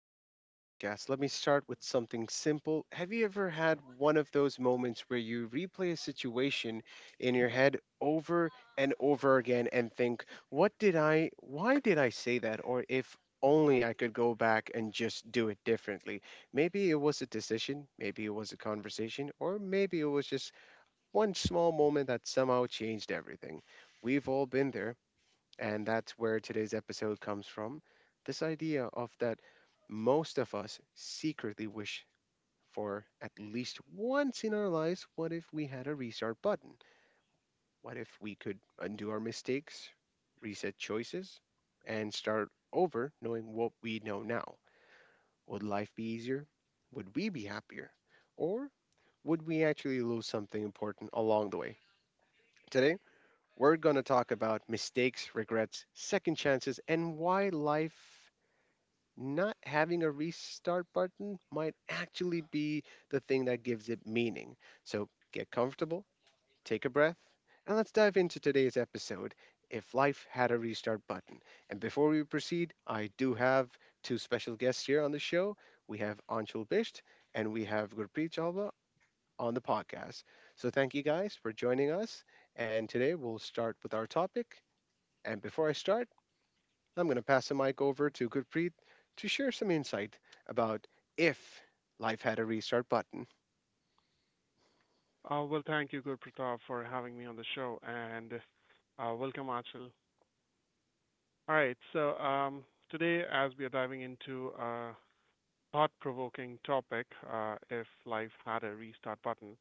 back to the podcast. Let me start with something simple. Have you ever had one of those moments where you replay a situation in your head over and over again and think, why did I say that? Or if only I could go back and just do it differently. Maybe it was a decision, maybe it was a conversation, or maybe it was just one small moment that somehow changed everything. We've all been there. And that's where today's episode comes from. This idea of that most of us secretly wish for at least once in our lives, what if we had a restart button? What if we could undo our mistakes, reset choices, and start over knowing what we know now? Would life be easier? Would we be happier? Or would we actually lose something important along the way? Today, we're going to talk about mistakes, regrets, second chances, and why life not having a restart button might actually be the thing that gives it meaning. So get comfortable, take a breath, and let's dive into today's episode, If Life Had a Restart Button. And before we proceed, I do have two special guests here on the show. We have Anshul Bisht and we have Gurpreet Jalwa on the podcast. So thank you guys for joining us. And today we'll start with our topic. And before I start, I'm going to pass the mic over to Gurpreet to share some insight about if life had a restart button. Thank you, Gurpratap, for having me on the show, and welcome, Achal. All right, so today, as we are diving into a thought-provoking topic, if life had a restart button,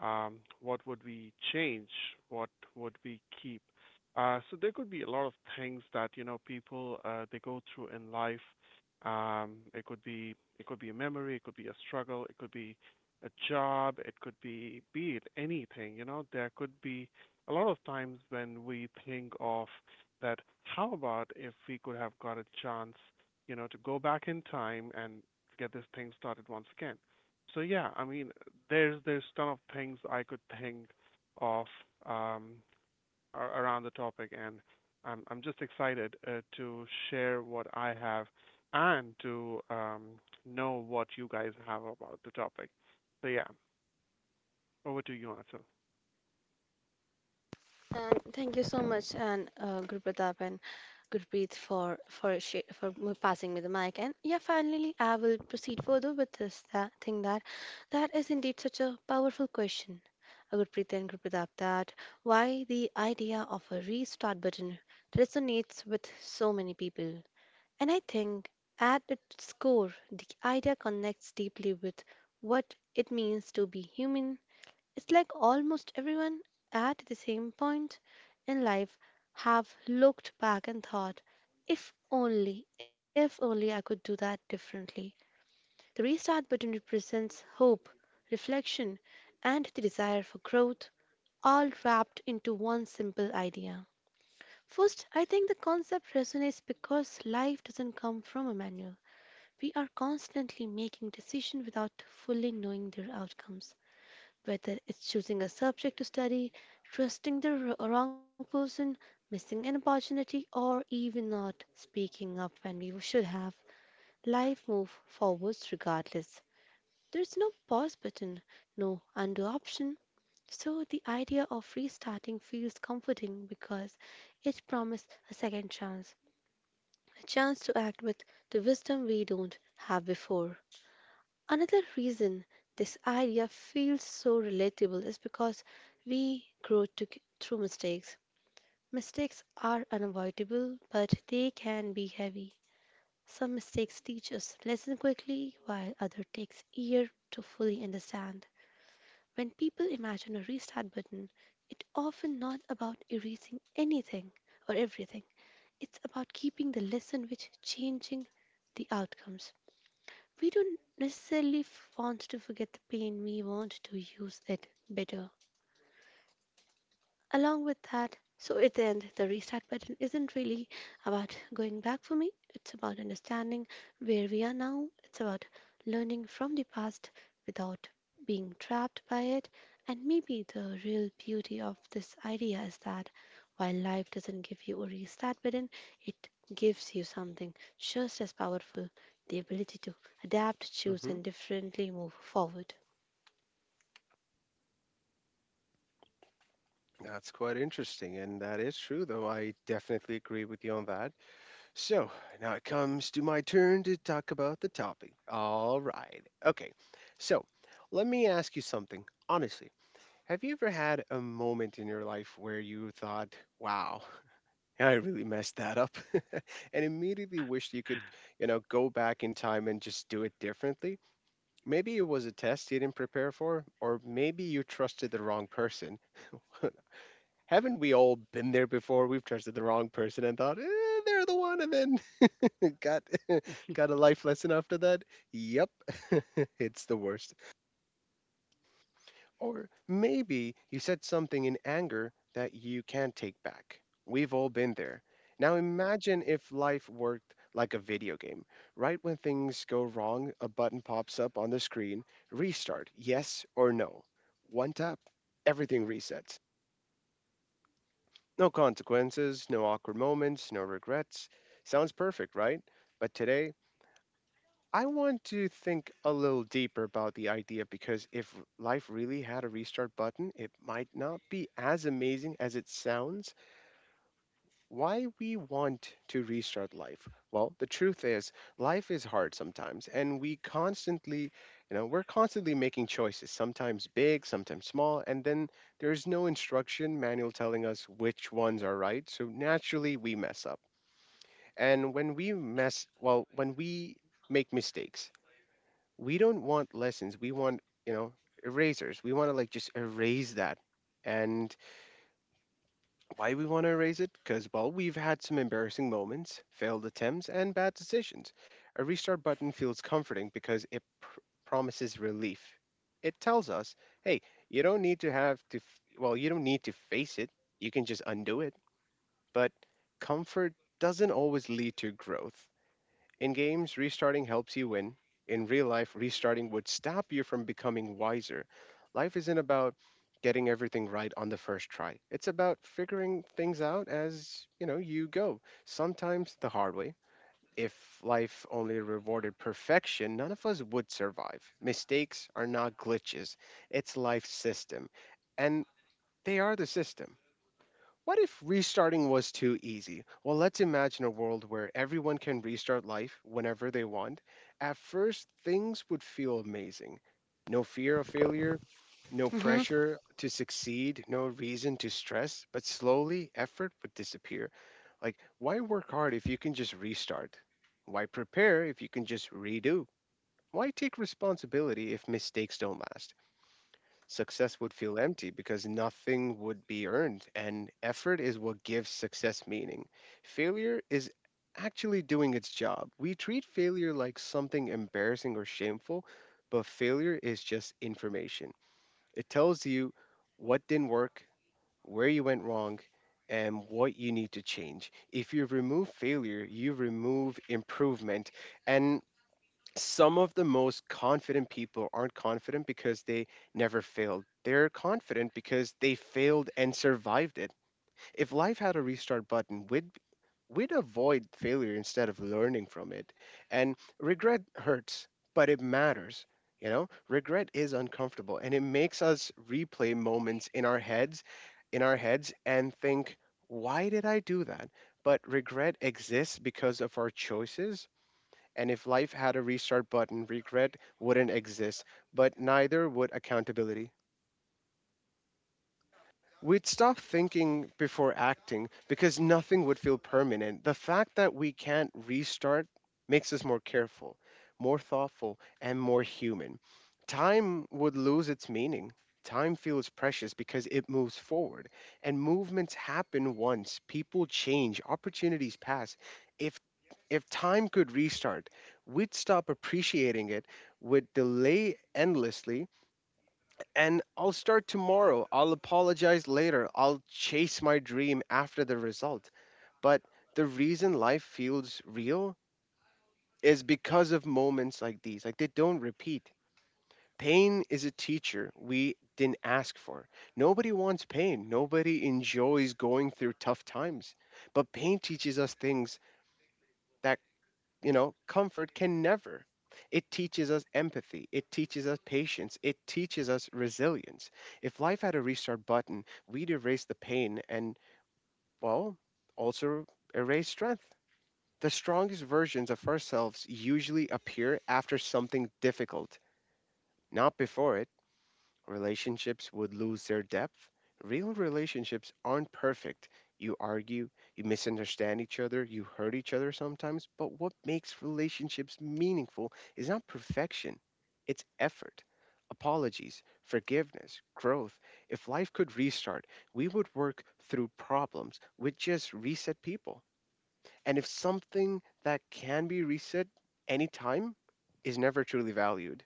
what would we change? What would we keep? So there could be a lot of things that you know people they go through in life. It could be it could be a memory, it could be a struggle, it could be a job, it could be it anything. You know, there could be a lot of times when we think of that. How about if we could have got a chance, you know, to go back in time and get this thing started once again? So yeah, I mean, there's ton of things I could think of um, around the topic, and I'm just excited to share what I have and to know what you guys have about the topic. So yeah, over to you, Ansel. And thank you so much, and Gurpratap and Gurpreet for passing me the mic. And yeah, finally, I will proceed further with this that thing that that is indeed such a powerful question, Gurpreet and Gurpratap, that why the idea of a restart button resonates with so many people. And I think at its core, the idea connects deeply with what it means to be human. It's like almost everyone at the same point in life have looked back and thought, if only I could do that differently. The restart button represents hope, reflection, and the desire for growth, all wrapped into one simple idea. First, I think the concept resonates because life doesn't come from a manual. We are constantly making decisions without fully knowing their outcomes. Whether it's choosing a subject to study, trusting the wrong person, missing an opportunity, or even not speaking up when we should have, life moves forwards regardless. There's no pause button, no undo option. So the idea of restarting feels comforting because it promises a second chance, a chance to act with the wisdom we don't have before. Another reason this idea feels so relatable is because we grow to, through mistakes. Mistakes are unavoidable, but they can be heavy. Some mistakes teach us lessons quickly, while other takes years to fully understand. When people imagine a restart button, it's often not about erasing anything or everything. It's about keeping the lesson which changing the outcomes. We don't necessarily want to forget the pain, we want to use it better along with that. So, at the end, the restart button isn't really about going back for me, it's about understanding where we are now, it's about learning from the past without being trapped by it. And maybe the real beauty of this idea is that while life doesn't give you a restart button, it gives you something just as powerful, the ability to adapt, choose, hmm and differently move forward. That's quite interesting, and that is true, though. I definitely agree with you on that. So now it comes to my turn to talk about the topic. All right. Okay. So let me ask you something. Honestly, have you ever had a moment in your life where you thought, wow, yeah, I really messed that up and immediately wished you could, go back in time and just do it differently. Maybe it was a test you didn't prepare for, or maybe you trusted the wrong person. Haven't we all been there before? We've trusted the wrong person and thought, eh, they're the one, and then got got a life lesson after that. Yep, it's the worst. Or maybe you said something in anger that you can't take back. We've all been there. Now imagine if life worked like a video game. Right when things go wrong, a button pops up on the screen: restart, yes or no. One tap, everything resets. No consequences, no awkward moments, no regrets. Sounds perfect, right? But today, I want to think a little deeper about the idea, because if life really had a restart button, it might not be as amazing as it sounds. Why we want to restart life? Well, the truth is, life is hard sometimes, and we're constantly making choices, sometimes big, sometimes small, and then there's no instruction manual telling us which ones are right, so naturally we mess up. And when we make mistakes, we don't want lessons, we want erasers, we want to like just erase that. And why we want to erase it? Because well, we've had some embarrassing moments, failed attempts, and bad decisions. A restart button feels comforting because promises relief. It tells us, hey, you don't need to face it, you can just undo it. But comfort doesn't always lead to growth. In games, restarting helps you win. In real life, restarting would stop you from becoming wiser. Life isn't about getting everything right on the first try. It's about figuring things out as, you know, you go. Sometimes the hard way. If life only rewarded perfection, none of us would survive. Mistakes are not glitches. It's life's system, and they are the system. What if restarting was too easy? Well, let's imagine a world where everyone can restart life whenever they want. At first, things would feel amazing. No fear of failure, no Mm-hmm. pressure to succeed, no reason to stress, but slowly effort would disappear. Like, why work hard if you can just restart? Why prepare if you can just redo? Why take responsibility if mistakes don't last? Success would feel empty because nothing would be earned, and effort is what gives success meaning. Failure is actually doing its job. We treat failure like something embarrassing or shameful, but failure is just information. It tells you what didn't work, where you went wrong, and what you need to change. If you remove failure, you remove improvement. And some of the most confident people aren't confident because they never failed. They're confident because they failed and survived it. If life had a restart button, we'd avoid failure instead of learning from it. And regret hurts, but it matters. You know, regret is uncomfortable and it makes us replay moments in our heads and think, why did I do that? But regret exists because of our choices, and if life had a restart button, regret wouldn't exist, but neither would accountability. We'd stop thinking before acting because nothing would feel permanent. The fact that we can't restart makes us more careful, more thoughtful, and more human. Time would lose its meaning. Time feels precious because it moves forward, and movements happen once. People change, opportunities pass. If if time could restart, we'd stop appreciating it, would delay endlessly, and I'll start tomorrow. I'll apologize later. I'll chase my dream after the result. But the reason life feels real is because of moments like these. Like they don't repeat. Pain is a teacher we didn't ask for. Nobody wants pain. Nobody enjoys going through tough times. But pain teaches us things that, you know, comfort can never. It teaches us empathy. It teaches us patience. It teaches us resilience. If life had a restart button, we'd erase the pain and, well, also erase strength. The strongest versions of ourselves usually appear after something difficult, not before it. Relationships would lose their depth. Real relationships aren't perfect. You argue, you misunderstand each other, you hurt each other sometimes, but what makes relationships meaningful is not perfection, it's effort. Apologies, forgiveness, growth. If life could restart, we would work through problems with just reset people. And if something that can be reset anytime is never truly valued,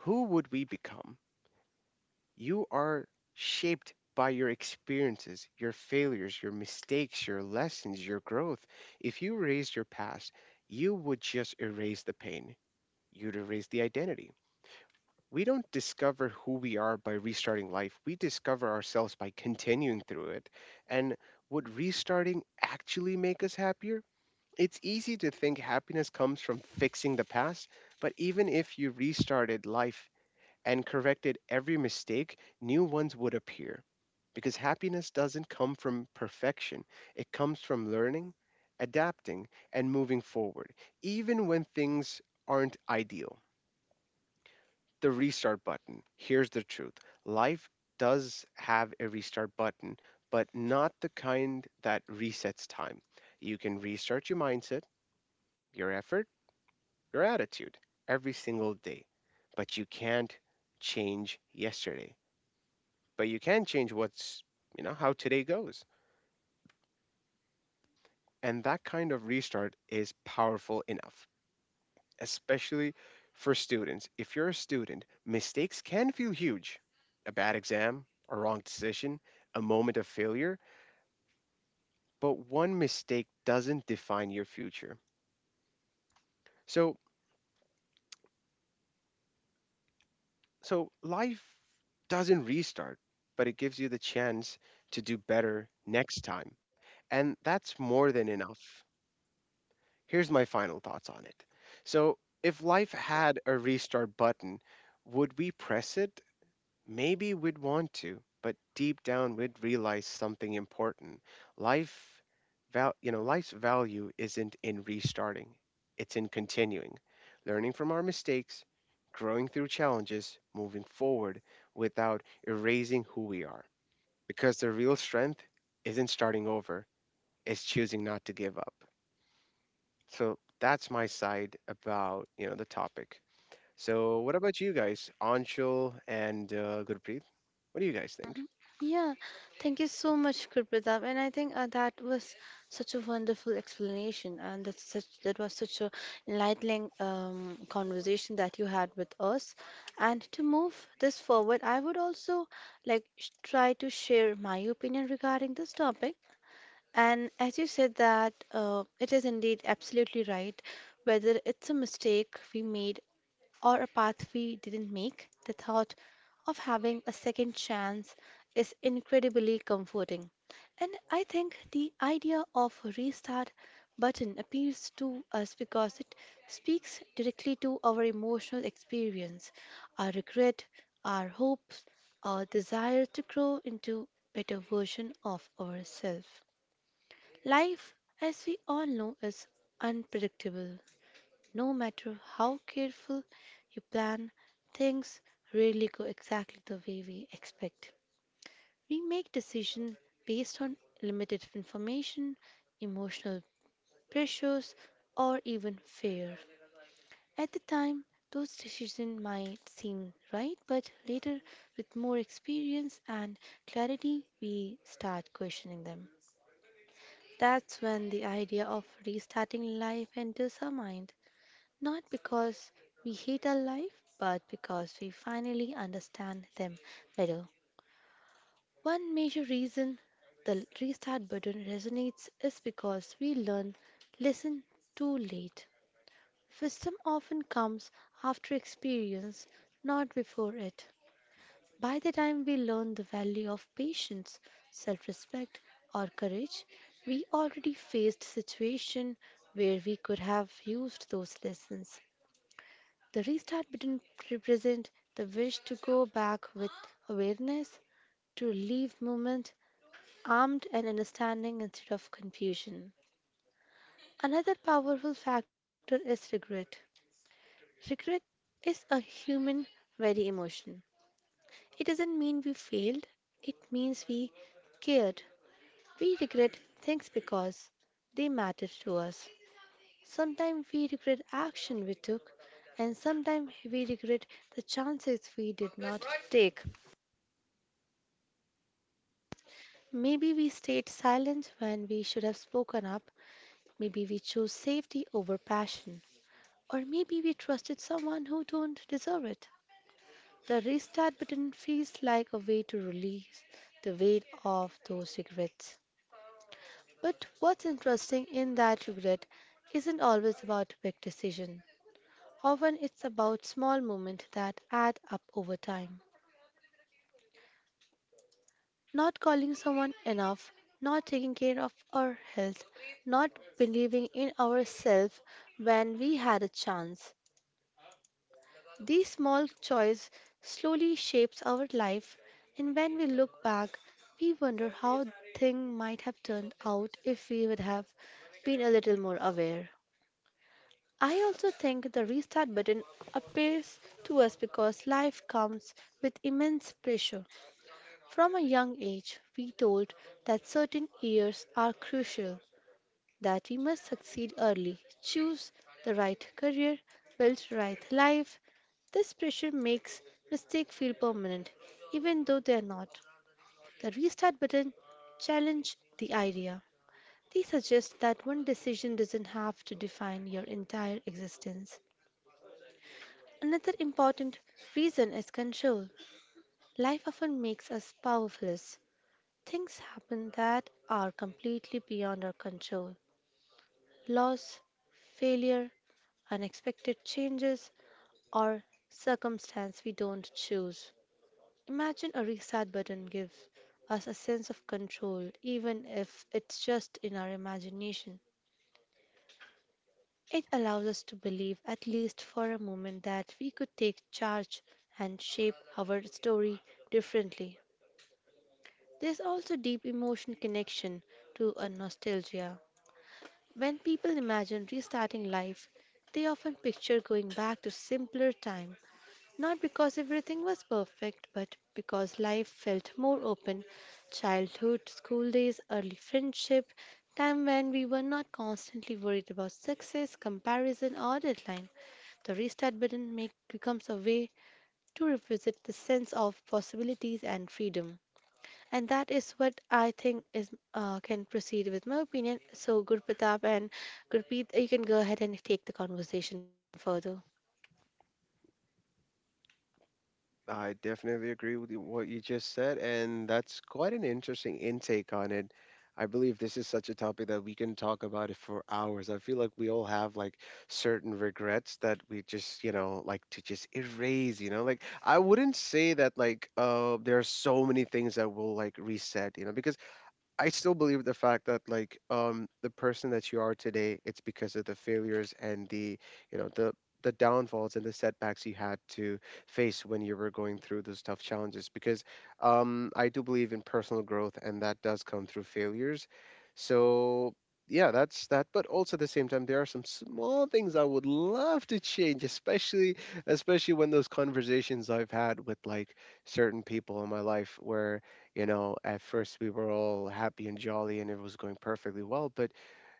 who would we become? You are shaped by your experiences, your failures, your mistakes, your lessons, your growth. If you erased your past, you would just erase the pain. You'd erase the identity. We don't discover who we are by restarting life. We discover ourselves by continuing through it. And would restarting actually make us happier? It's easy to think happiness comes from fixing the past, but even if you restarted life and corrected every mistake, new ones would appear. Because happiness doesn't come from perfection, it comes from learning, adapting, and moving forward, even when things aren't ideal. The restart button. Here's the truth: life does have a restart button, but not the kind that resets time. You can restart your mindset, your effort, your attitude every single day, but you can't change yesterday. But you can change how today goes. And that kind of restart is powerful enough, especially for students. If you're a student, mistakes can feel huge: a bad exam, a wrong decision, a moment of failure, but one mistake doesn't define your future. So, so life doesn't restart, but it gives you the chance to do better next time. And that's more than enough. Here's my final thoughts on it. So, if life had a restart button, would we press it? Maybe we'd want to, but deep down we'd realize something important. Life Life's value isn't in restarting. It's in continuing, learning from our mistakes, growing through challenges, moving forward without erasing who we are. Because the real strength isn't starting over, it's choosing not to give up. So that's my side about, you know, the topic. So what about you guys, Anshul and Gurpreet? What do you guys think? Yeah, thank you so much, Kripadeep. And I think that was such a wonderful explanation, and that was such a enlightening conversation that you had with us. And to move this forward, I would also like try to share my opinion regarding this topic. And as you said that it is indeed absolutely right, whether it's a mistake we made or a path we didn't make, the thought of having a second chance is incredibly comforting. And I think the idea of a restart button appeals to us because it speaks directly to our emotional experience, our regret, our hopes, our desire to grow into better version of ourselves. Life, as we all know, is unpredictable. No matter how careful you plan, things rarely go exactly the way we expect. We make decisions based on limited information, emotional pressures, or even fear. At the time, those decisions might seem right, but later, with more experience and clarity, we start questioning them. That's when the idea of restarting life enters our mind. Not because we hate our life, but because we finally understand them better. One major reason the restart button resonates is because we learn listen too late. Wisdom often comes after experience, not before it. By the time we learn the value of patience, self-respect, or courage, we already faced situations where we could have used those lessons. The restart button represents the wish to go back with awareness, to leave movement armed and understanding instead of confusion. Another powerful factor is regret. Regret is a human, very emotion. It doesn't mean we failed, it means we cared. We regret things because they matter to us. Sometimes we regret action we took, and sometimes we regret the chances we did not take. Maybe we stayed silent when we should have spoken up. Maybe we chose safety over passion. Or maybe we trusted someone who don't deserve it. The restart button feels like a way to release the weight of those regrets. But what's interesting in that regret isn't always about big decision. Often it's about small moments that add up over time. Not calling someone enough, not taking care of our health, not believing in ourselves when we had a chance. These small choices slowly shapes our life, and when we look back, we wonder how things might have turned out if we would have been a little more aware. I also think the restart button appears to us because life comes with immense pressure. From a young age, we told that certain years are crucial, that we must succeed early, choose the right career, build the right life. This pressure makes mistakes feel permanent, even though they are not. The restart button challenge the idea. They suggest that one decision doesn't have to define your entire existence. Another important reason is control. Life often makes us powerless. Things happen that are completely beyond our control, loss, failure, unexpected changes, or circumstance we don't choose. Imagine a reset button gives us a sense of control, even if it's just in our imagination. It allows us to believe, at least for a moment, that we could take charge and shape our story differently. There's also deep emotion connection to a nostalgia. When people imagine restarting life, they often picture going back to simpler time, not because everything was perfect, but because life felt more open. Childhood, school days, early friendship, time when we were not constantly worried about success, comparison, or deadline. The restart button becomes a way to revisit the sense of possibilities and freedom. And that is what I think is can proceed with my opinion. So, Gurpratap and Gurpreet, you can go ahead and take the conversation further. I definitely agree with you- what you just said, and that's quite an interesting intake on it. I believe this is such a topic that we can talk about it for hours. I feel like we all have like certain regrets that we just, you know, like to just erase, you know. Like I wouldn't say that like there are so many things that will like reset, you know, because I still believe the fact that like the person that you are today, it's because of the failures and the you know the downfalls and the setbacks you had to face when you were going through those tough challenges. Because I do believe in personal growth and that does come through failures. So yeah, that's that. But also at the same time, there are some small things I would love to change, especially when those conversations I've had with like certain people in my life where, you know, at first we were all happy and jolly and it was going perfectly well. But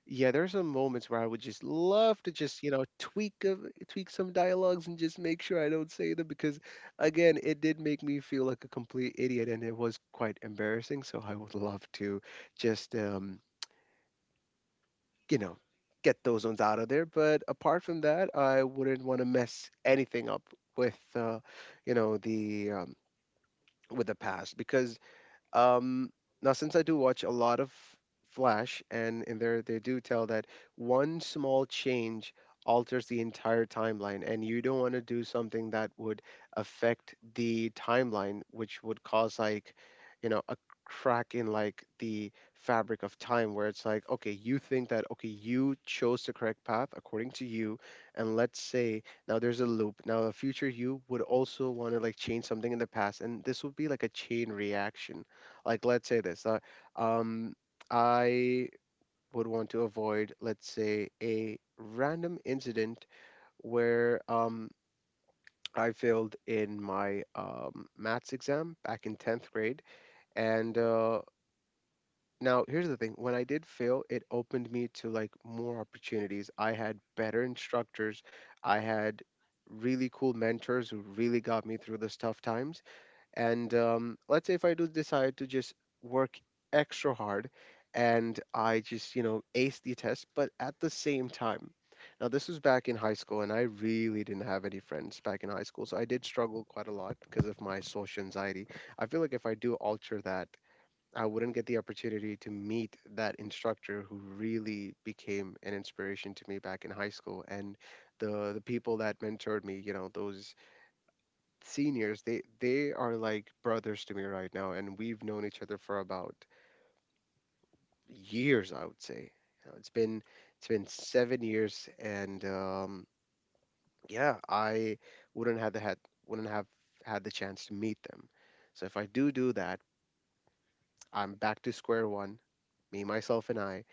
yeah, there's some moments where I would just love to just, tweak some dialogues and just make sure I don't say them because again, it did make me feel like a complete idiot and it was quite embarrassing. So I would love to just you know, get those ones out of there. But apart from that, I wouldn't want to mess anything up with you know, the with the past because Um, now, since I do watch a lot of Flash, and in there they do tell that one small change alters the entire timeline, and you don't want to do something that would affect the timeline, which would cause like, you know, a crack in like the fabric of time, where it's like, okay, you think that okay you chose the correct path according to you, and let's say now there's a loop, now a future you would also want to like change something in the past, and this would be like a chain reaction. Like, let's say this. Um, I would want to avoid, let's say, a random incident where, I failed in my maths exam back in 10th grade. And Now, here's the thing, when I did fail, it opened me to like more opportunities. I had better instructors, I had really cool mentors who really got me through those tough times. And let's say if I do decide to just work extra hard and I just, you know, ace the test. But at the same time, now this was back in high school and I really didn't have any friends back in high school. So I did struggle quite a lot because of my social anxiety. I feel like if I do alter that, I wouldn't get the opportunity to meet that instructor who really became an inspiration to me back in high school, and the people that mentored me, you know, those seniors, they are like brothers to me right now, and we've known each other for about years, I would say. You know, it's been 7 years, and yeah, I wouldn't have the had, wouldn't have had the chance to meet them. So if I do that, I'm back to square one, me, myself, and I,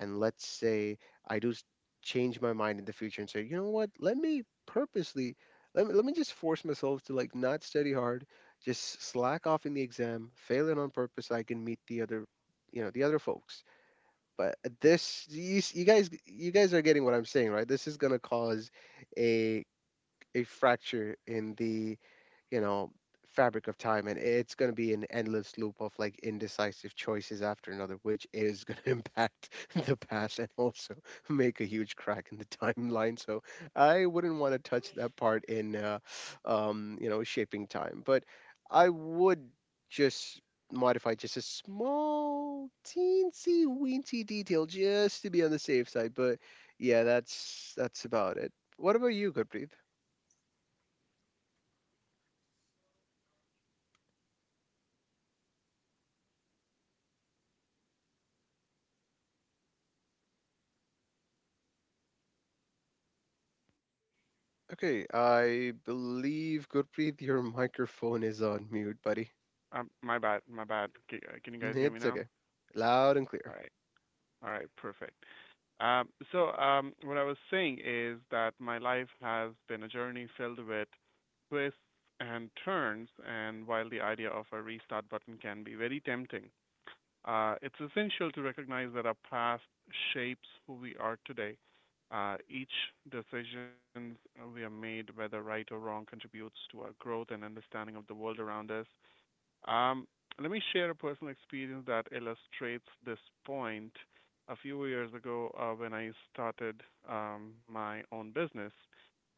and let's say I change my mind in the future and say, you know what, let me purposely, let me just force myself to like not study hard, just slack off in the exam, fail it on purpose, so I can meet the other, you know, the other folks. But this, you guys are getting what I'm saying, right? This is gonna cause a a fracture in the, you know, fabric of time, and it's going to be an endless loop of like indecisive choices after another, which is going to impact the past and also make a huge crack in the timeline. So I wouldn't want to touch that part in you know, shaping time. But I would just modify just a small teensy weensy detail just to be on the safe side. But yeah, that's about it. What about you, Gurpreet? Okay, I believe Gurpreet, your microphone is on mute, buddy. My bad, my bad. Can you guys hear me It's now? okay. Loud and clear. All right, all right, perfect. What I was saying is that my life has been a journey filled with twists and turns, and while the idea of a restart button can be very tempting, it's essential to recognize that our past shapes who we are today. Each decision we have made, whether right or wrong, contributes to our growth and understanding of the world around us. Um, Let me share a personal experience that illustrates this point. A few years ago, when I started my own business,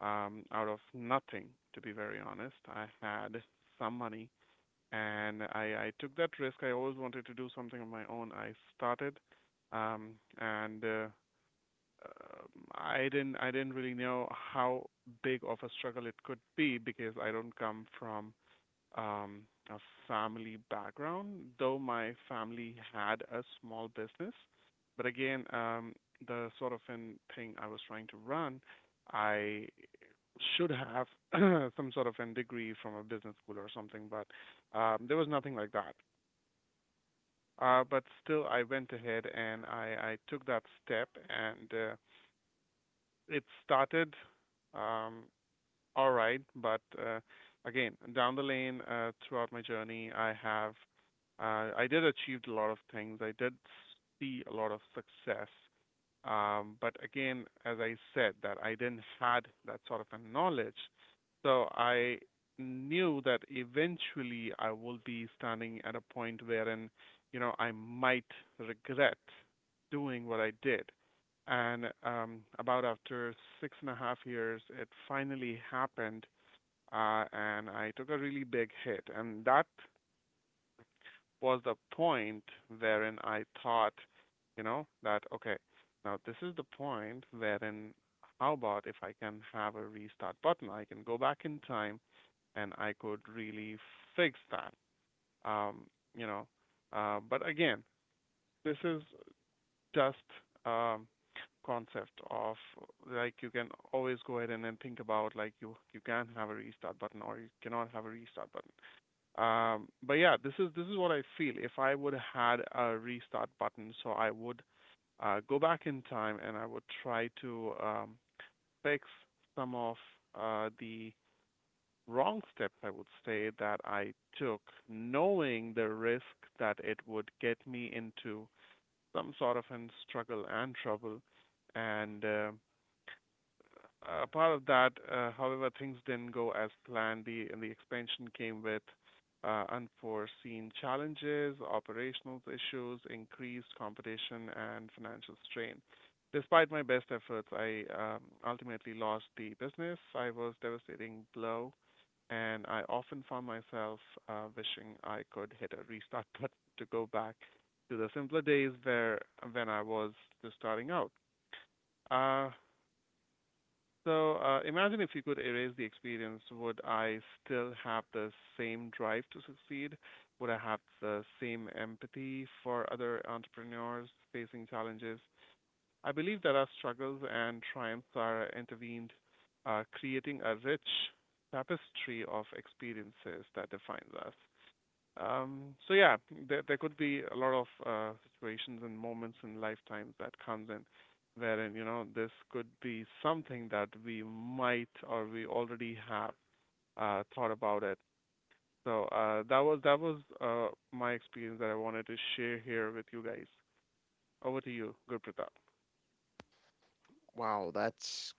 out of nothing, to be very honest, I had some money and I took that risk. I always wanted to do something on my own. I started, um, and um, I didn't really know how big of a struggle it could be because I don't come from um, a family background, though my family had a small business. But again, the sort of an thing I was trying to run, I should have some sort of a degree from a business school or something, but there was nothing like that. But still, I went ahead and I took that step, and it started. Um, all right, but again, down the lane, throughout my journey, I did achieved a lot of things. I did see a lot of success. But again, as I said, that I didn't had that sort of a knowledge, so I knew that eventually I will be standing at a point wherein, you know, I might regret doing what I did. And about after 6.5 years, it finally happened, and I took a really big hit. And that was the point wherein I thought, you know, that okay, now this is the point wherein how about if I can have a restart button? I can go back in time and I could really fix that. Um, you know, but again, this is just um, concept of like you can always go ahead and then think about like you can have a restart button or you cannot have a restart button. But yeah, this is what I feel. If I would have had a restart button, so I would go back in time and I would try to fix some of the wrong steps, I would say, that I took, knowing the risk that it would get me into some sort of an struggle and trouble. And a part of that, however, things didn't go as planned. The expansion came with unforeseen challenges, operational issues, increased competition, and financial strain. Despite my best efforts, I ultimately lost the business. I was a devastating blow, and I often found myself wishing I could hit a restart button to go back to the simpler days where when I was just starting out. Uh, Imagine if you could erase the experience, would I still have the same drive to succeed? Would I have the same empathy for other entrepreneurs facing challenges? I believe that our struggles and triumphs are intervened, creating a rich tapestry of experiences that defines us. So yeah, there could be a lot of situations and moments in lifetimes that comes in, wherein you know this could be something that we might or we already have thought about it. So that was my experience that I wanted to share here with you guys. Over to you, Good Pratap. Wow, that's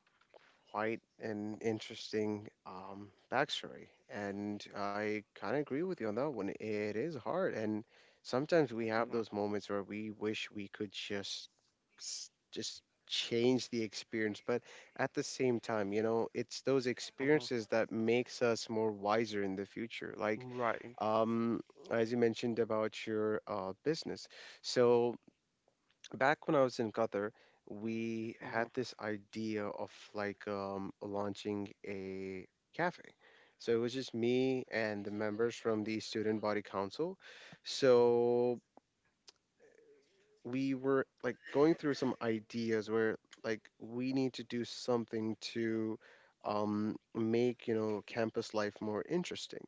quite an interesting backstory. And I kind of agree with you on that one. It is hard. And sometimes we have Mhm. those moments where we wish we could just just change the experience. But at the same time, you know, it's those Mhm. experiences that makes us more wiser in the future. Like, Right. um as you mentioned about your business, so back when I was in Qatar, we Mhm. had this idea of like, launching a cafe. So it was just me and the members from the student body council. So we were like going through some ideas where like we need to do something to, make, you know, campus life more interesting.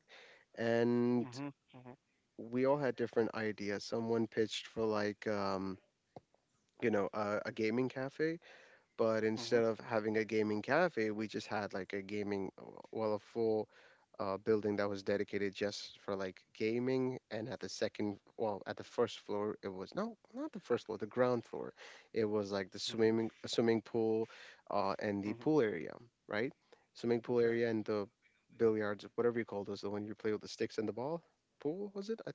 And Mhm. Mhm. we all had different ideas. Someone pitched for like, you know, a gaming cafe. But instead Mhm. of having a gaming cafe, we just had like a gaming, well, a full building that was dedicated just for like gaming. And at the second, well, at the first floor, it was, no, not the first floor, the ground floor. It was like the Mhm. swimming, a swimming pool, and the Mhm. pool area, right? Swimming pool Okay. area and the billiards, whatever you call those, the one you play with the sticks and the ball. Pool was it?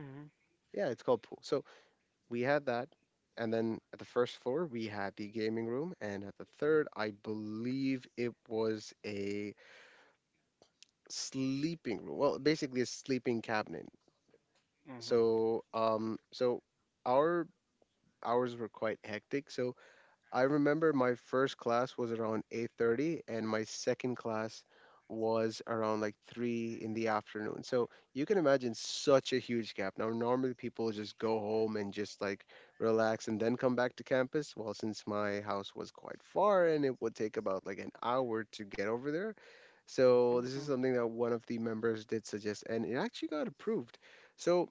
Mhm. Yeah, it's called pool. So we had that. And then at the first floor, we had the gaming room. And at the third, I believe it was a sleeping room. Well, basically a sleeping cabinet. Mhm. So, so our hours were quite hectic. So I remember my first class was around 8:30 and my second class was around like 3 in the afternoon. So you can imagine such a huge gap. Now normally people just go home and just like relax and then come back to campus. Well, since my house was quite far and it would take about like an hour to get over there. So this is Mhm. something that one of the members did suggest and it actually got approved. So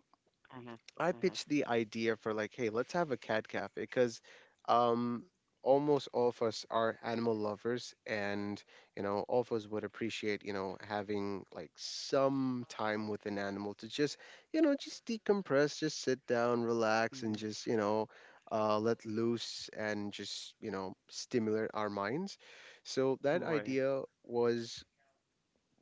Mhm. I Mhm. pitched the idea for like, hey, let's have a cat cafe because, um, almost all of us are animal lovers, and, you know, all of us would appreciate, you know, having like some time with an animal to just, you know, just decompress, just sit down, relax, and Mhm. just, you know, let loose and just, you know, stimulate our minds. So that Right. idea was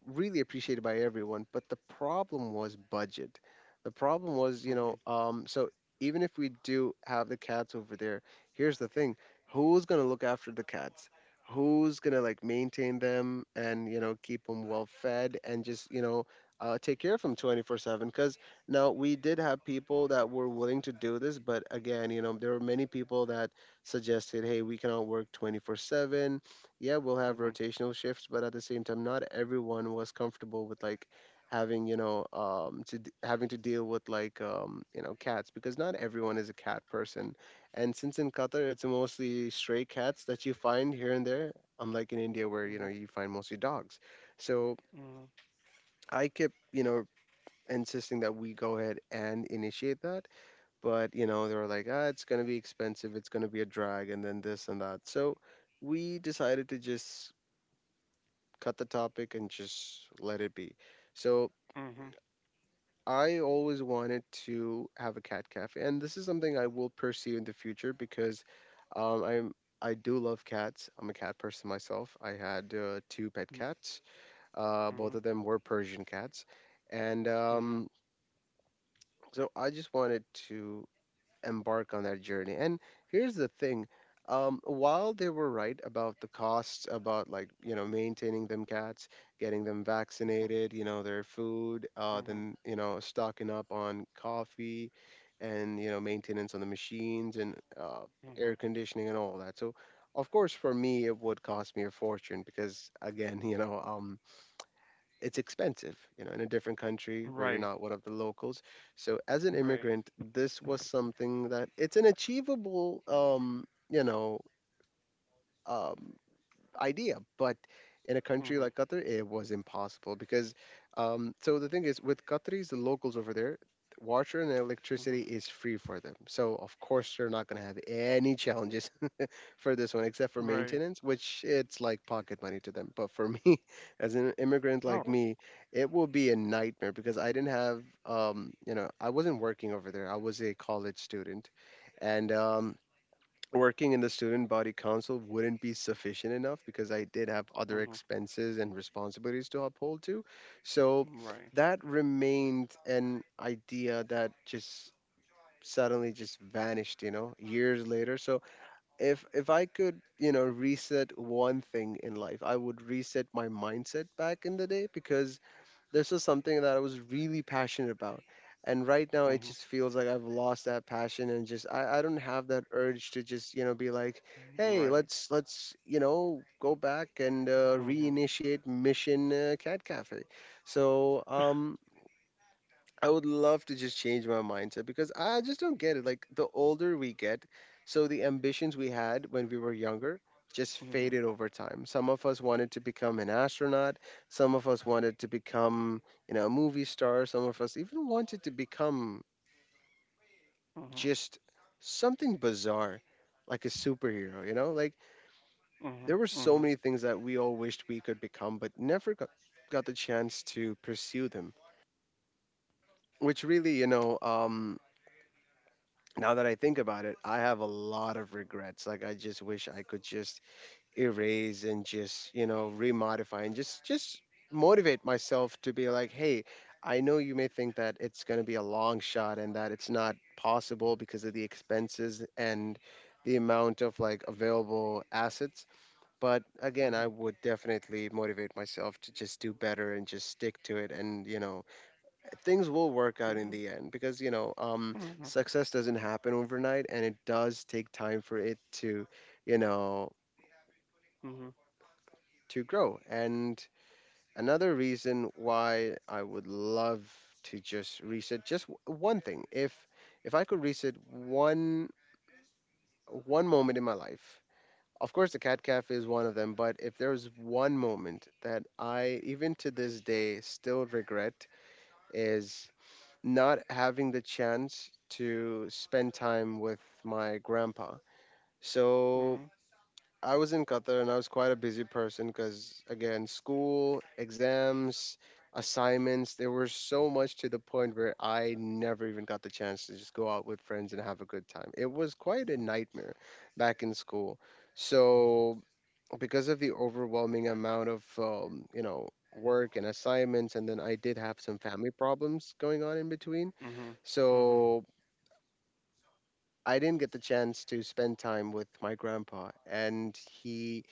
really appreciated by everyone. But the problem was budget. The problem was, you know, Mhm. So even if we do have the cats over there, here's the thing: who's gonna look after the cats? Who's gonna like maintain them and, you know, keep them well fed and just, you know, take care of them 24/7? Because now we did have people that were willing to do this, but again, you know, there were many people that suggested, hey, we cannot work 24/7. Yeah, we'll have Mhm. rotational shifts, but at the same time, not everyone was comfortable with like having, you know, having to deal with like, you know, cats, because not everyone is a cat person, and since in Qatar it's mostly stray cats that you find here and there, unlike in India where, you know, Mhm. you find mostly dogs. So Mhm. I kept, you know, insisting that we go ahead and initiate that, but you know they were like, ah, it's gonna be expensive, it's gonna be a drag, and then this and that. So we decided to just cut the topic and just let it be. So Mhm. I always wanted to have a cat cafe, and this is something I will pursue in the future because, I'm, I do love cats. I'm a cat person myself. I had two pet cats. Mhm. Both Mhm. of them were Persian cats, and Mhm. So I just wanted to embark on that journey. And here's the thing. While they were right about the costs, about like, you know, maintaining them cats, getting them Mhm. vaccinated, you know, their food, Mhm. then, you know, stocking up on coffee and, you know, maintenance on the machines and, air Mhm. conditioning and all that. So, of course, for me, it would cost me a fortune because, again, you know, it's expensive, you know, in a different country where you're Right. not one of the locals. So as an Right. immigrant, this was something that it's an achievable, you know, um, idea, but in a country Mhm. like Qatar, it was impossible because, so the thing is, with Qataris, the locals over there, water and Mhm. electricity is free for them. So of course they're not going to have any challenges for this one, except for Right. maintenance, which it's like pocket money to them. But for me, as an immigrant Oh. like me, it will be a nightmare because I didn't have, you know, I wasn't working over there. I was a college student, and working in the student body council wouldn't be sufficient enough because I did have other Mhm. expenses and responsibilities to uphold to. So Right. that remained an idea that just suddenly just vanished, you know, years later. So if I could, you know, reset one thing in life, I would reset my mindset back in the day because this was something that I was really passionate about. And right now it Mhm. just feels like I've lost that passion and just I don't have that urge to just, you know, be like, hey, Right. You know, go back and Mhm. reinitiate mission cat cafe. So, um I would love to just change my mindset because I just don't get it. Like the older we get, so the ambitions we had when we were younger just Mhm. faded over time. Some of us wanted to become an astronaut, some of us wanted to become, you know, a movie star, some of us even wanted to become Mhm. just something bizarre like a superhero, you know? Like there Mhm. were so Mhm. many things that we all wished we could become but never got, got the chance to pursue them, which really, now that I think about it, I have a lot of regrets. Like I just wish I could just erase and just, you know, remodify and just motivate myself to be like, hey, I know you may think that it's going to be a long shot and that it's not possible because of the expenses and the amount of like available assets. But again, I Mhm. would definitely motivate myself to just do better and just stick to it and things will work out in Mhm. the end because Mhm. success doesn't happen overnight, and it does take time for it to, you know Mhm. Mhm. to grow. And another reason why I would love to just reset just one thing, if I could reset one moment in my life, of course the cat cafe is one of them, but if there was one moment that I even to this day still regret is not having the chance to spend time with my grandpa. So Mhm. I was in Qatar and I was quite a busy person because, again, school, exams, assignments, there were so much to the point where I never even got the chance to just go out with friends and have a good time. It was quite a nightmare back in school. So, because of the overwhelming amount of, you know, work and assignments, and then I did have some family problems going on in between, Mhm. Mhm. so I didn't get the chance to spend time with my grandpa, and he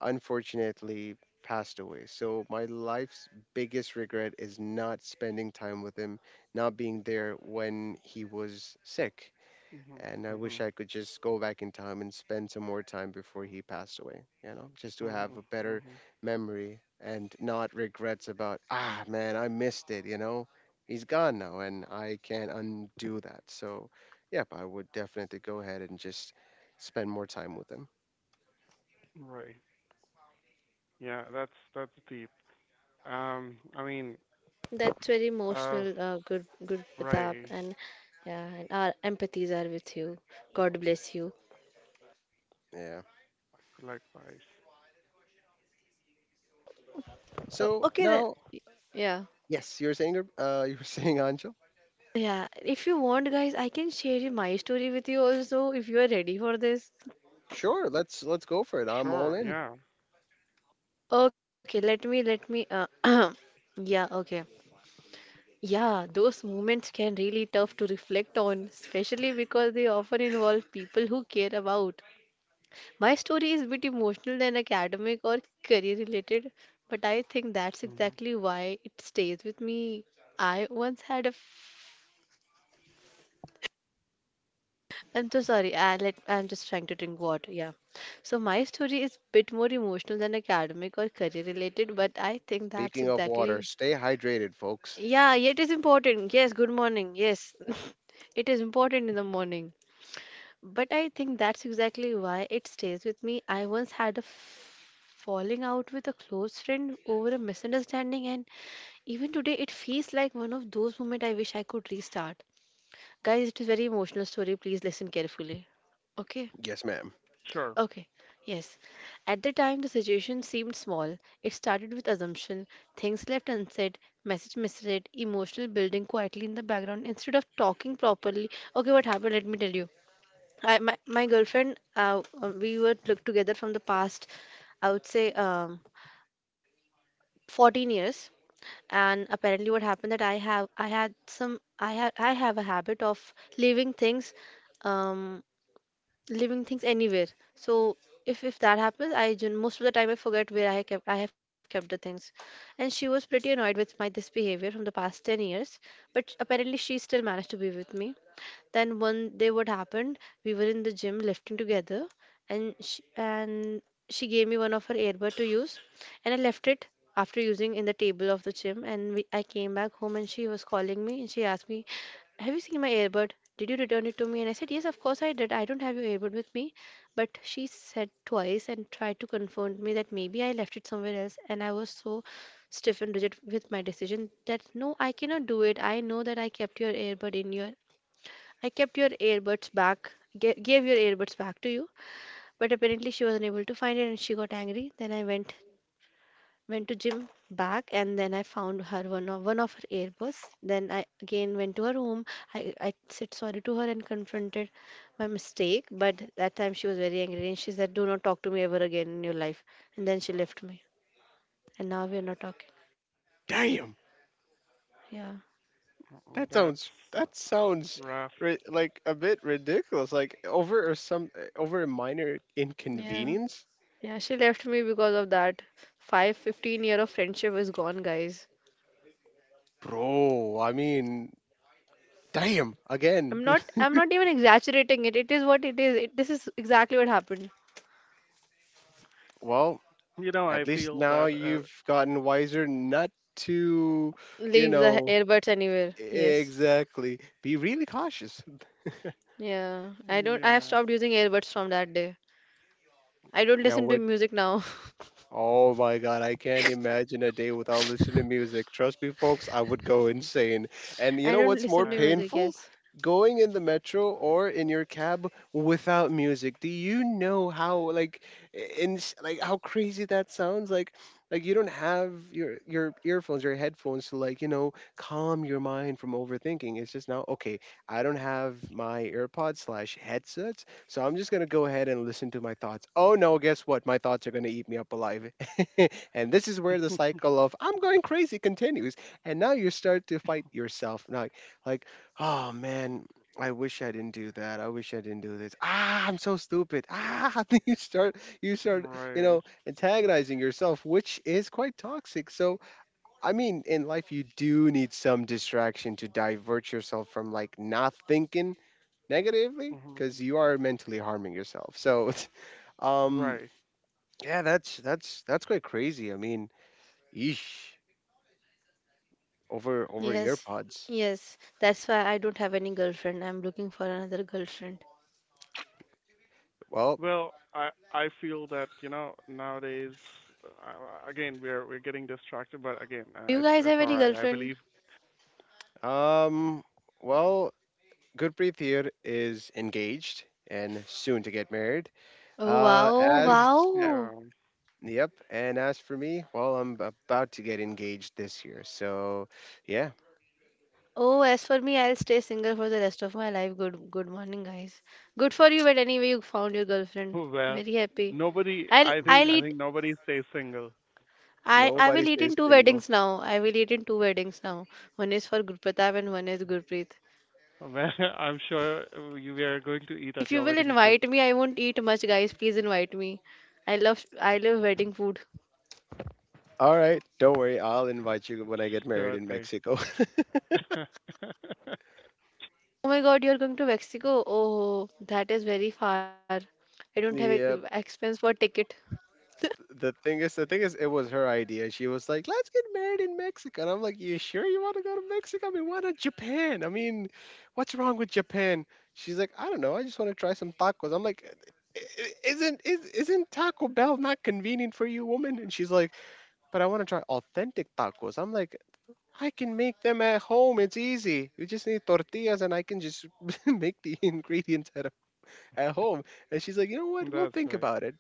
unfortunately passed away. So my life's biggest regret is not spending time with him, not being there when he was sick, and I wish Mhm. I could just go back in time and spend some more time before he passed away, you know, just to have a Mhm. better Mhm. memory and not regrets about, ah, man, I missed it, you know. He's gone now and I can't undo that. So, yep, I would definitely go ahead and just spend more time with him. Right. Yeah, that's deep. I mean, That's very uh, emotional, good Pratap, right. and yeah, and our empathies are with you. God bless you. Yeah. Likewise. So Okay then. now, Yeah, yes, you're saying, you're saying, Anjo? Yeah, if you want, guys, I can share you my story with you also if you are ready for this. Sure, let's go for it. I'm all Sure. in. Yeah. Okay. Let me. Yeah, okay. Yeah, those moments can really tough to reflect on, especially because they often involve people who care about. My story is a bit emotional than academic or career related, but I think that's Mhm. exactly why it stays with me. I once had a f- I'm so sorry. I'm just trying to drink water. Yeah. So my story is a bit more emotional than academic or career related, but I think that's Speaking of water, exactly. stay hydrated, folks. Yeah, it is important. Yes, good morning. Yes. It is important in the morning. But I think that's exactly why it stays with me. I once had a falling out with a close friend over a misunderstanding, and even today it feels like one of those moments I wish I could restart. Guys, it is very emotional story. Please listen carefully. Okay? Yes, ma'am. Sure. Okay. Yes. At the time, the situation seemed small. It started with assumption, things left unsaid, message misread, emotional building quietly in the background instead of talking properly. Okay, what happened? Let me tell you. My girlfriend, we were look together from the past, I would say, 14 years. And apparently, what happened that I have, I had some, I had, I have a habit of um, leaving things anywhere. So if that happens, I most of the time I forget where I kept, I have kept the things. And she was pretty annoyed with my this behavior from the past 10 years, but apparently she still managed to be with me. Then one day, what happened? We were in the gym lifting together, and she gave me one of her earbud to use, and I left it after using in the table of the gym. And I came back home, and she was calling me, and she asked me, "Have you seen my earbud? Did you return it to me?" And I said, "Yes, of course I did. I don't have your earbud with me." But she said twice and tried to confront me that maybe I left it somewhere else, and I was so stiff and rigid with my decision that no, I cannot do it. I know that I kept your earbuds back, gave your earbuds back to you, but apparently she was unable to find it and she got angry. Then I went to gym back and then I found her one of her earbuds. Then I again went to her room. I, I said sorry to her and confronted my mistake, but that time she was very angry and she said, "Do not talk to me ever again in your life." And then she left me. And now we are not talking. Damn. Yeah. Mm, That sounds that's that sounds rough. Like a bit ridiculous. Like over or some over a minor Yeah. inconvenience, Yeah, she left me because of that. 15 year of friendship is gone, guys. bro. I mean, damn. I'm Again. not I'm not even exaggerating it. It is what it is. This is exactly what happened. Well, You know, I at least feel now that. You've gotten wiser not to, you Leave the know, earbuds anywhere. Yes. exactly. Be really cautious. Yeah. I don't I have Yeah, stopped using earbuds from that day. I don't Now, listen to what? music now. Oh my God, I can't imagine a day without listening to music. Trust me, folks, I would go insane. And you I know don't what's more listen to I know. music, painful? yes. Going in the metro or in your cab without music. Do you know how like in like how crazy that sounds? Like you don't have your earphones, your headphones to like, you know, calm your mind from overthinking. It's just now, okay, I don't have my AirPods slash headset, so I'm just going to go ahead and listen to my thoughts. Oh no, guess what? My thoughts are going to eat me up alive. And this is where the cycle of I'm going crazy continues. And now you start to fight yourself. Now, like, oh man, I wish I didn't do that. I wish I didn't do this. Ah, I'm so stupid. Ah, then you start, you Right. know, antagonizing yourself, which is quite toxic. So, I mean, in life, you do need some distraction to divert yourself from like not thinking negatively, Hmm. because you are mentally harming yourself. So, um, Right. yeah, that's quite crazy. I mean, eesh, over Yes. earpods. Yes. That's why I don't have any girlfriend. I'm looking for another girlfriend. Well, Well, I feel that you know nowadays. Again, we're getting distracted, but again, Do you guys it's have all any right. girlfriend? um, well, Gurpreet here is engaged and soon to get married. Oh wow, As uh, wow. yep, and as for me, well, I'm about to get engaged this year. So, yeah. Oh, as for me, I'll stay single for the rest of my life. Good morning, guys. Good for you, but anyway, you found your girlfriend. Well, Very happy. nobody. I'll I think I'll Mhm. I eat think nobody stays single. I, Uh, I Nobody will eat in stays two single. weddings now. I will eat in two weddings now. One is for Gurpratap and one is Gurpreet. Well, I'm sure you we are going to eat If at you your will wedding. invite me, I won't eat much, guys. Please invite me. I love wedding food. All right, don't worry. I'll invite you when I get married Sure in thing. Mexico. Oh my God, you're going to Mexico? Oh, that is very far. I don't have Yeah, expense for ticket. the thing is, it was her idea. She was like, "Let's get married in Mexico," and I'm like, "You sure you want to go to Mexico? I mean, why not Japan? I mean, what's wrong with Japan?" She's like, "I don't know. I just want to try some tacos." I'm like, "Isn't isn't Taco Bell not convenient for you, woman?" And she's like, "But I want to try authentic tacos." I'm like. I can make them at home. It's easy. You just need tortillas, and I can just make the ingredients at home. And she's like, you know what? We'll That's think right. about it.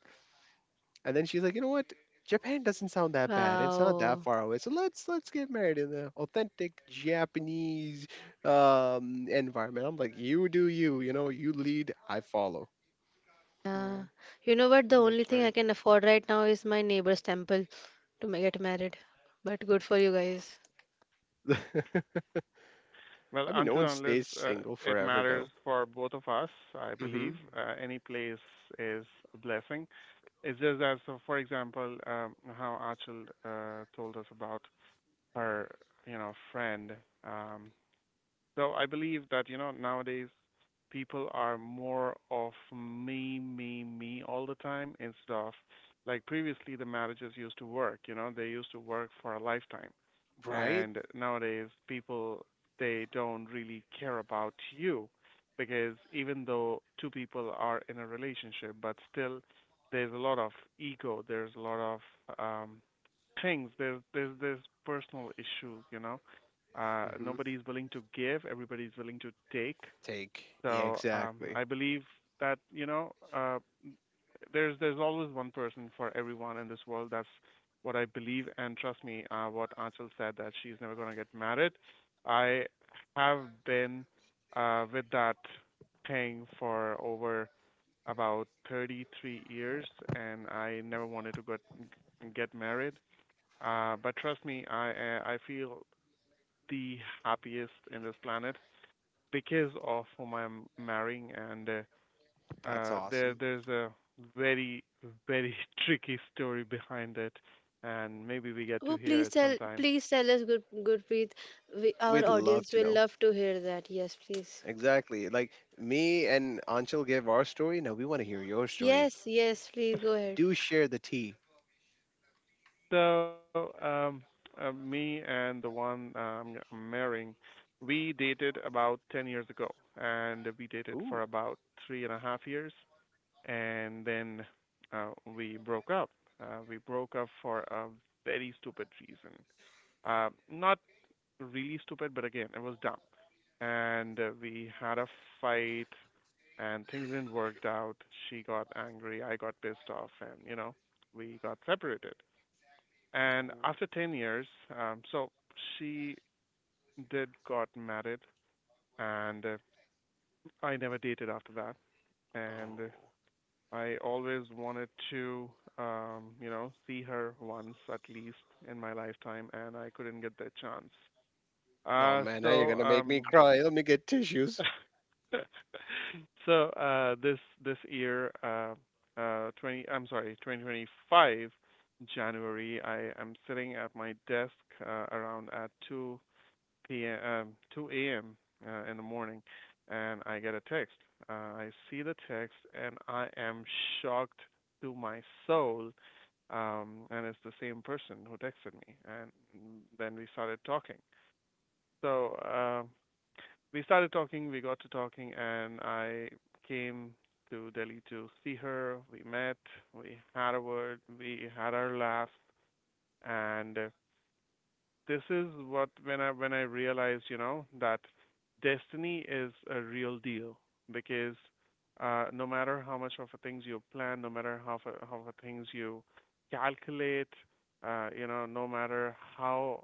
And then she's like, you know what? Japan doesn't sound that bad. It's not that Wow. far away. So let's get married in the authentic Japanese environment. I'm like, you do you. You know, you lead, I follow. Uh, Mm. you know what? The only thing I can afford right now is my neighbor's temple to get married. But good for you guys. I Well, mean, no until one and unless stays single it forever, matters though. for both of us, I believe Hmm. Any place is a blessing. It's just that, so for example, how Achal told us about her, you know, friend um, so I believe that, you know, nowadays people are more of me, me, me all the time instead of like previously the marriages used to work, you know, they used to work for a lifetime. Right? And nowadays people they don't really care about you because even though two people are in a relationship, but still there's a lot of ego, there's a lot of um things, there's personal issues, you know, Hmm. nobody's willing to give, everybody's willing to take. Take. Yeah, So exactly. I believe that you know there's always one person for everyone in this world. That's what I believe, and trust me, what Anchal said that she's never gonna get married. I have been with that thing for over about 33 years, and I never wanted to get married. But trust me, I feel the happiest in this planet because of whom I'm marrying, and That's there awesome. there's a very very tricky story behind it, and maybe we get to Oh, hear it sometime. please tell us, good, Gurpreet. We, our We'd love audience to will know. love to hear that. Yes, please. Exactly. Like me and Anshul gave our story. Now we want to hear your story. Yes, yes, please go ahead. Do share the tea. So me and the one I'm marrying, we dated about 10 years ago, and we dated Ooh. for about 3.5 years, and then we broke up. We broke up for a very stupid reason. Not really stupid, but again, it was dumb. And we had a fight, and things didn't work out. She got angry, I got pissed off, and you know, we got separated. And Oh. after 10 years, so she did got married, and I never dated after that. And Oh. I always wanted to, you know, see her once at least in my lifetime, and I couldn't get that chance. Oh Uh, man, now you're so gonna make me um, cry. Let me get tissues. So this this year, 20, I'm sorry, 2025 January, I am sitting at my desk around at 2 p.m. 2 a.m. In the morning, and I get a text. I see the text, and I am shocked to my soul. And it's the same person who texted me, and then we started talking. So. We started talking, we got to talking, and I came to Delhi to see her. We met, we had a word, we had our laughs, and this is what when I realized, you know, that destiny is a real deal because no matter how much of a things you plan, no matter things you calculate, you know, no matter how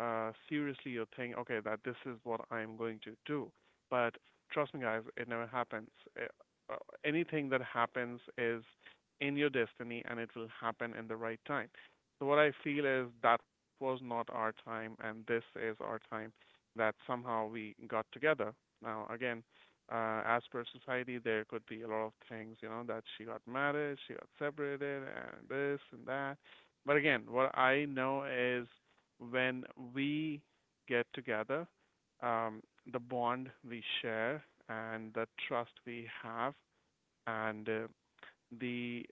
seriously you think, okay, that this is what I'm going to do, but trust me, guys, it never happens. Uh uh, Anything that happens is in your destiny, and it will happen in the right time. So what I feel is that was not our time, and this is our time that somehow we got together. Now, again, as per society, there could be a lot of things, you know, that she got married, she got separated, and this and that. But again, what I know is when we get together, um, the bond we share and the trust we have and the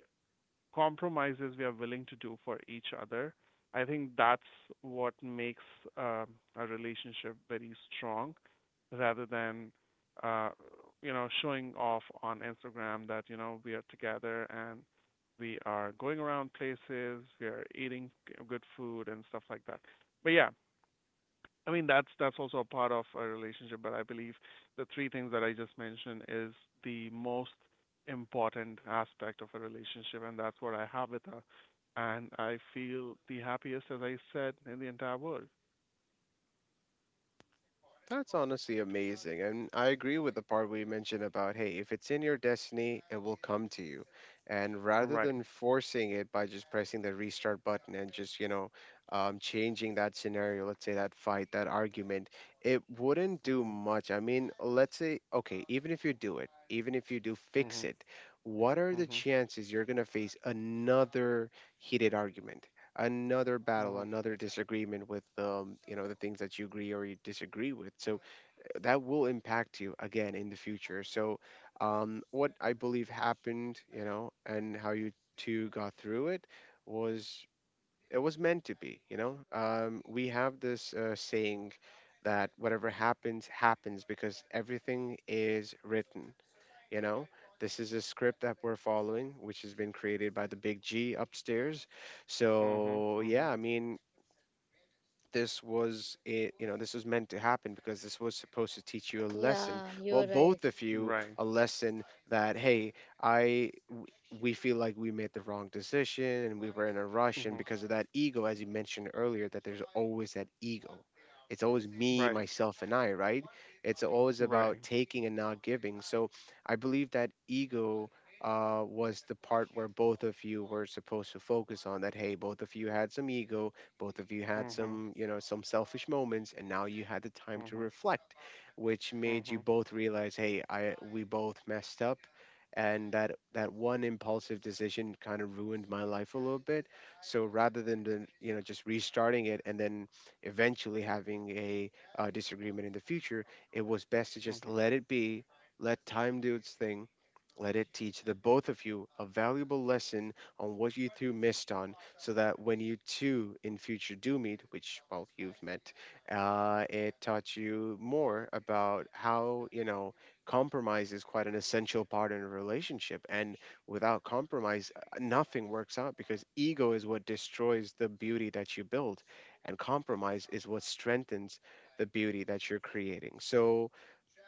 compromises we are willing to do for each other. I think that's what makes um, a relationship very strong rather than uh, you know showing off on Instagram that you know we are together and we are going around places, we are eating good food and stuff like that. But yeah, I mean, that's also a part of a relationship, but I believe the three things that I just mentioned is the most important aspect of a relationship, and that's what I have with her. And I feel the happiest, as I said, in the entire world. That's honestly amazing. And I agree with the part we mentioned about hey, if it's in your destiny, it will come to you. And rather Right. than forcing it by just pressing the restart button and just, you know, changing that scenario, let's say that fight, that argument, it wouldn't do Mhm. much. I mean, let's say, okay, even if you do it, even if you do fix Mhm. it, what are the Mhm. chances you're gonna face another heated argument? Another battle, Mhm. another disagreement with you know the things that you agree or you disagree with. So that will impact you again in the future. So what I believe happened, you know, and how you two got through was it was meant to be. You know, we have this saying that whatever happens happens because everything is written, you know, this is a script that we're following, which has been created by the big G upstairs. Mhm. So, yeah, Mhm. I mean, this was it, you know, this was meant to happen because this was supposed to teach you a lesson, Yeah, well, you're right. both of you Right. a lesson, that hey, i w- we feel like we made the wrong decision and we were in a rush, and Mhm. because of that ego, as you mentioned earlier, that there's always that ego, it's always me, Right. myself, and I, right, it's always about Right. taking and not giving. So I believe that ego, was the part where both of you were supposed to focus on, that hey, both of you had some ego, both of you had Mhm. some, you know, some selfish moments, and now you had the time to Mhm. reflect, which made you Mhm. both realize, hey, I, we both messed up, and that that one impulsive decision kind of ruined my life a little bit. So rather than the, you know, just restarting it and then eventually having a disagreement in the future, it was best to just Mhm. let it be, let time do its thing. Let it teach the both of you a valuable lesson on what you two missed on, so that when you two in future do meet, which well you've met, it taught you more about how you know compromise is quite an essential part in a relationship, and without compromise, nothing works out because ego is what destroys the beauty that you build, and compromise is what strengthens the beauty that you're creating. So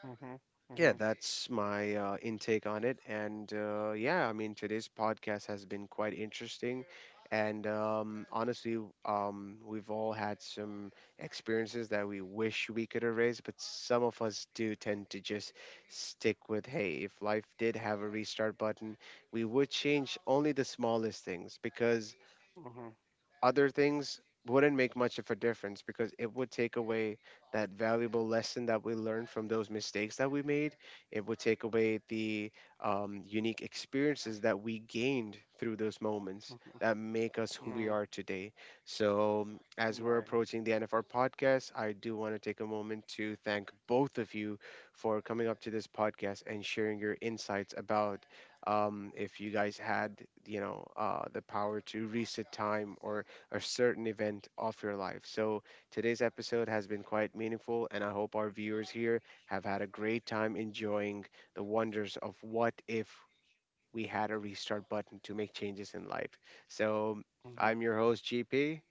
Mhm. yeah, Mhm. that's my intake on it. And yeah, I mean, today's podcast has been quite interesting. And honestly, we've all had some experiences that we wish we could erase, but some of us do tend to just stick with hey, if life did have a restart button, we would change only the smallest things because Mhm. other things wouldn't make much of a difference, because it would take away that valuable lesson that we learned from those mistakes that we made. It would take away the unique experiences that we gained through those moments Mhm. that make us who we Mm. are today. So, as we're Right. approaching the end of our podcast, I do want to take a moment to thank both of you for coming up to this podcast and sharing your insights about if you guys had, you know, the power to reset time or a certain event of your life. So today's episode has been quite meaningful, and I hope our viewers here have had a great time enjoying the wonders of what if we had a restart button to make changes in life. So Mhm. I'm your host, GP,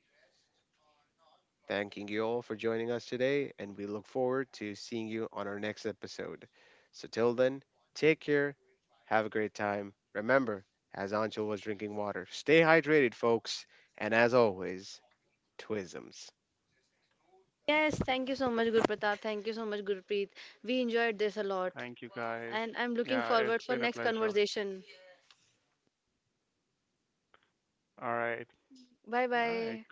thanking you all for joining us today, and we look forward to seeing you on our next episode. So till then, take care, have a great time. Remember, as Anshul was drinking water, stay hydrated, folks, and as always, twisms. Yes, thank you so much, Gurpreet. We enjoyed this a lot, Thank you guys. and I'm looking Yeah, it's forward for been a next pl- conversation. All right. Bye All right. bye.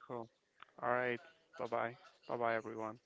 All right. Bye-bye. Bye-bye, everyone.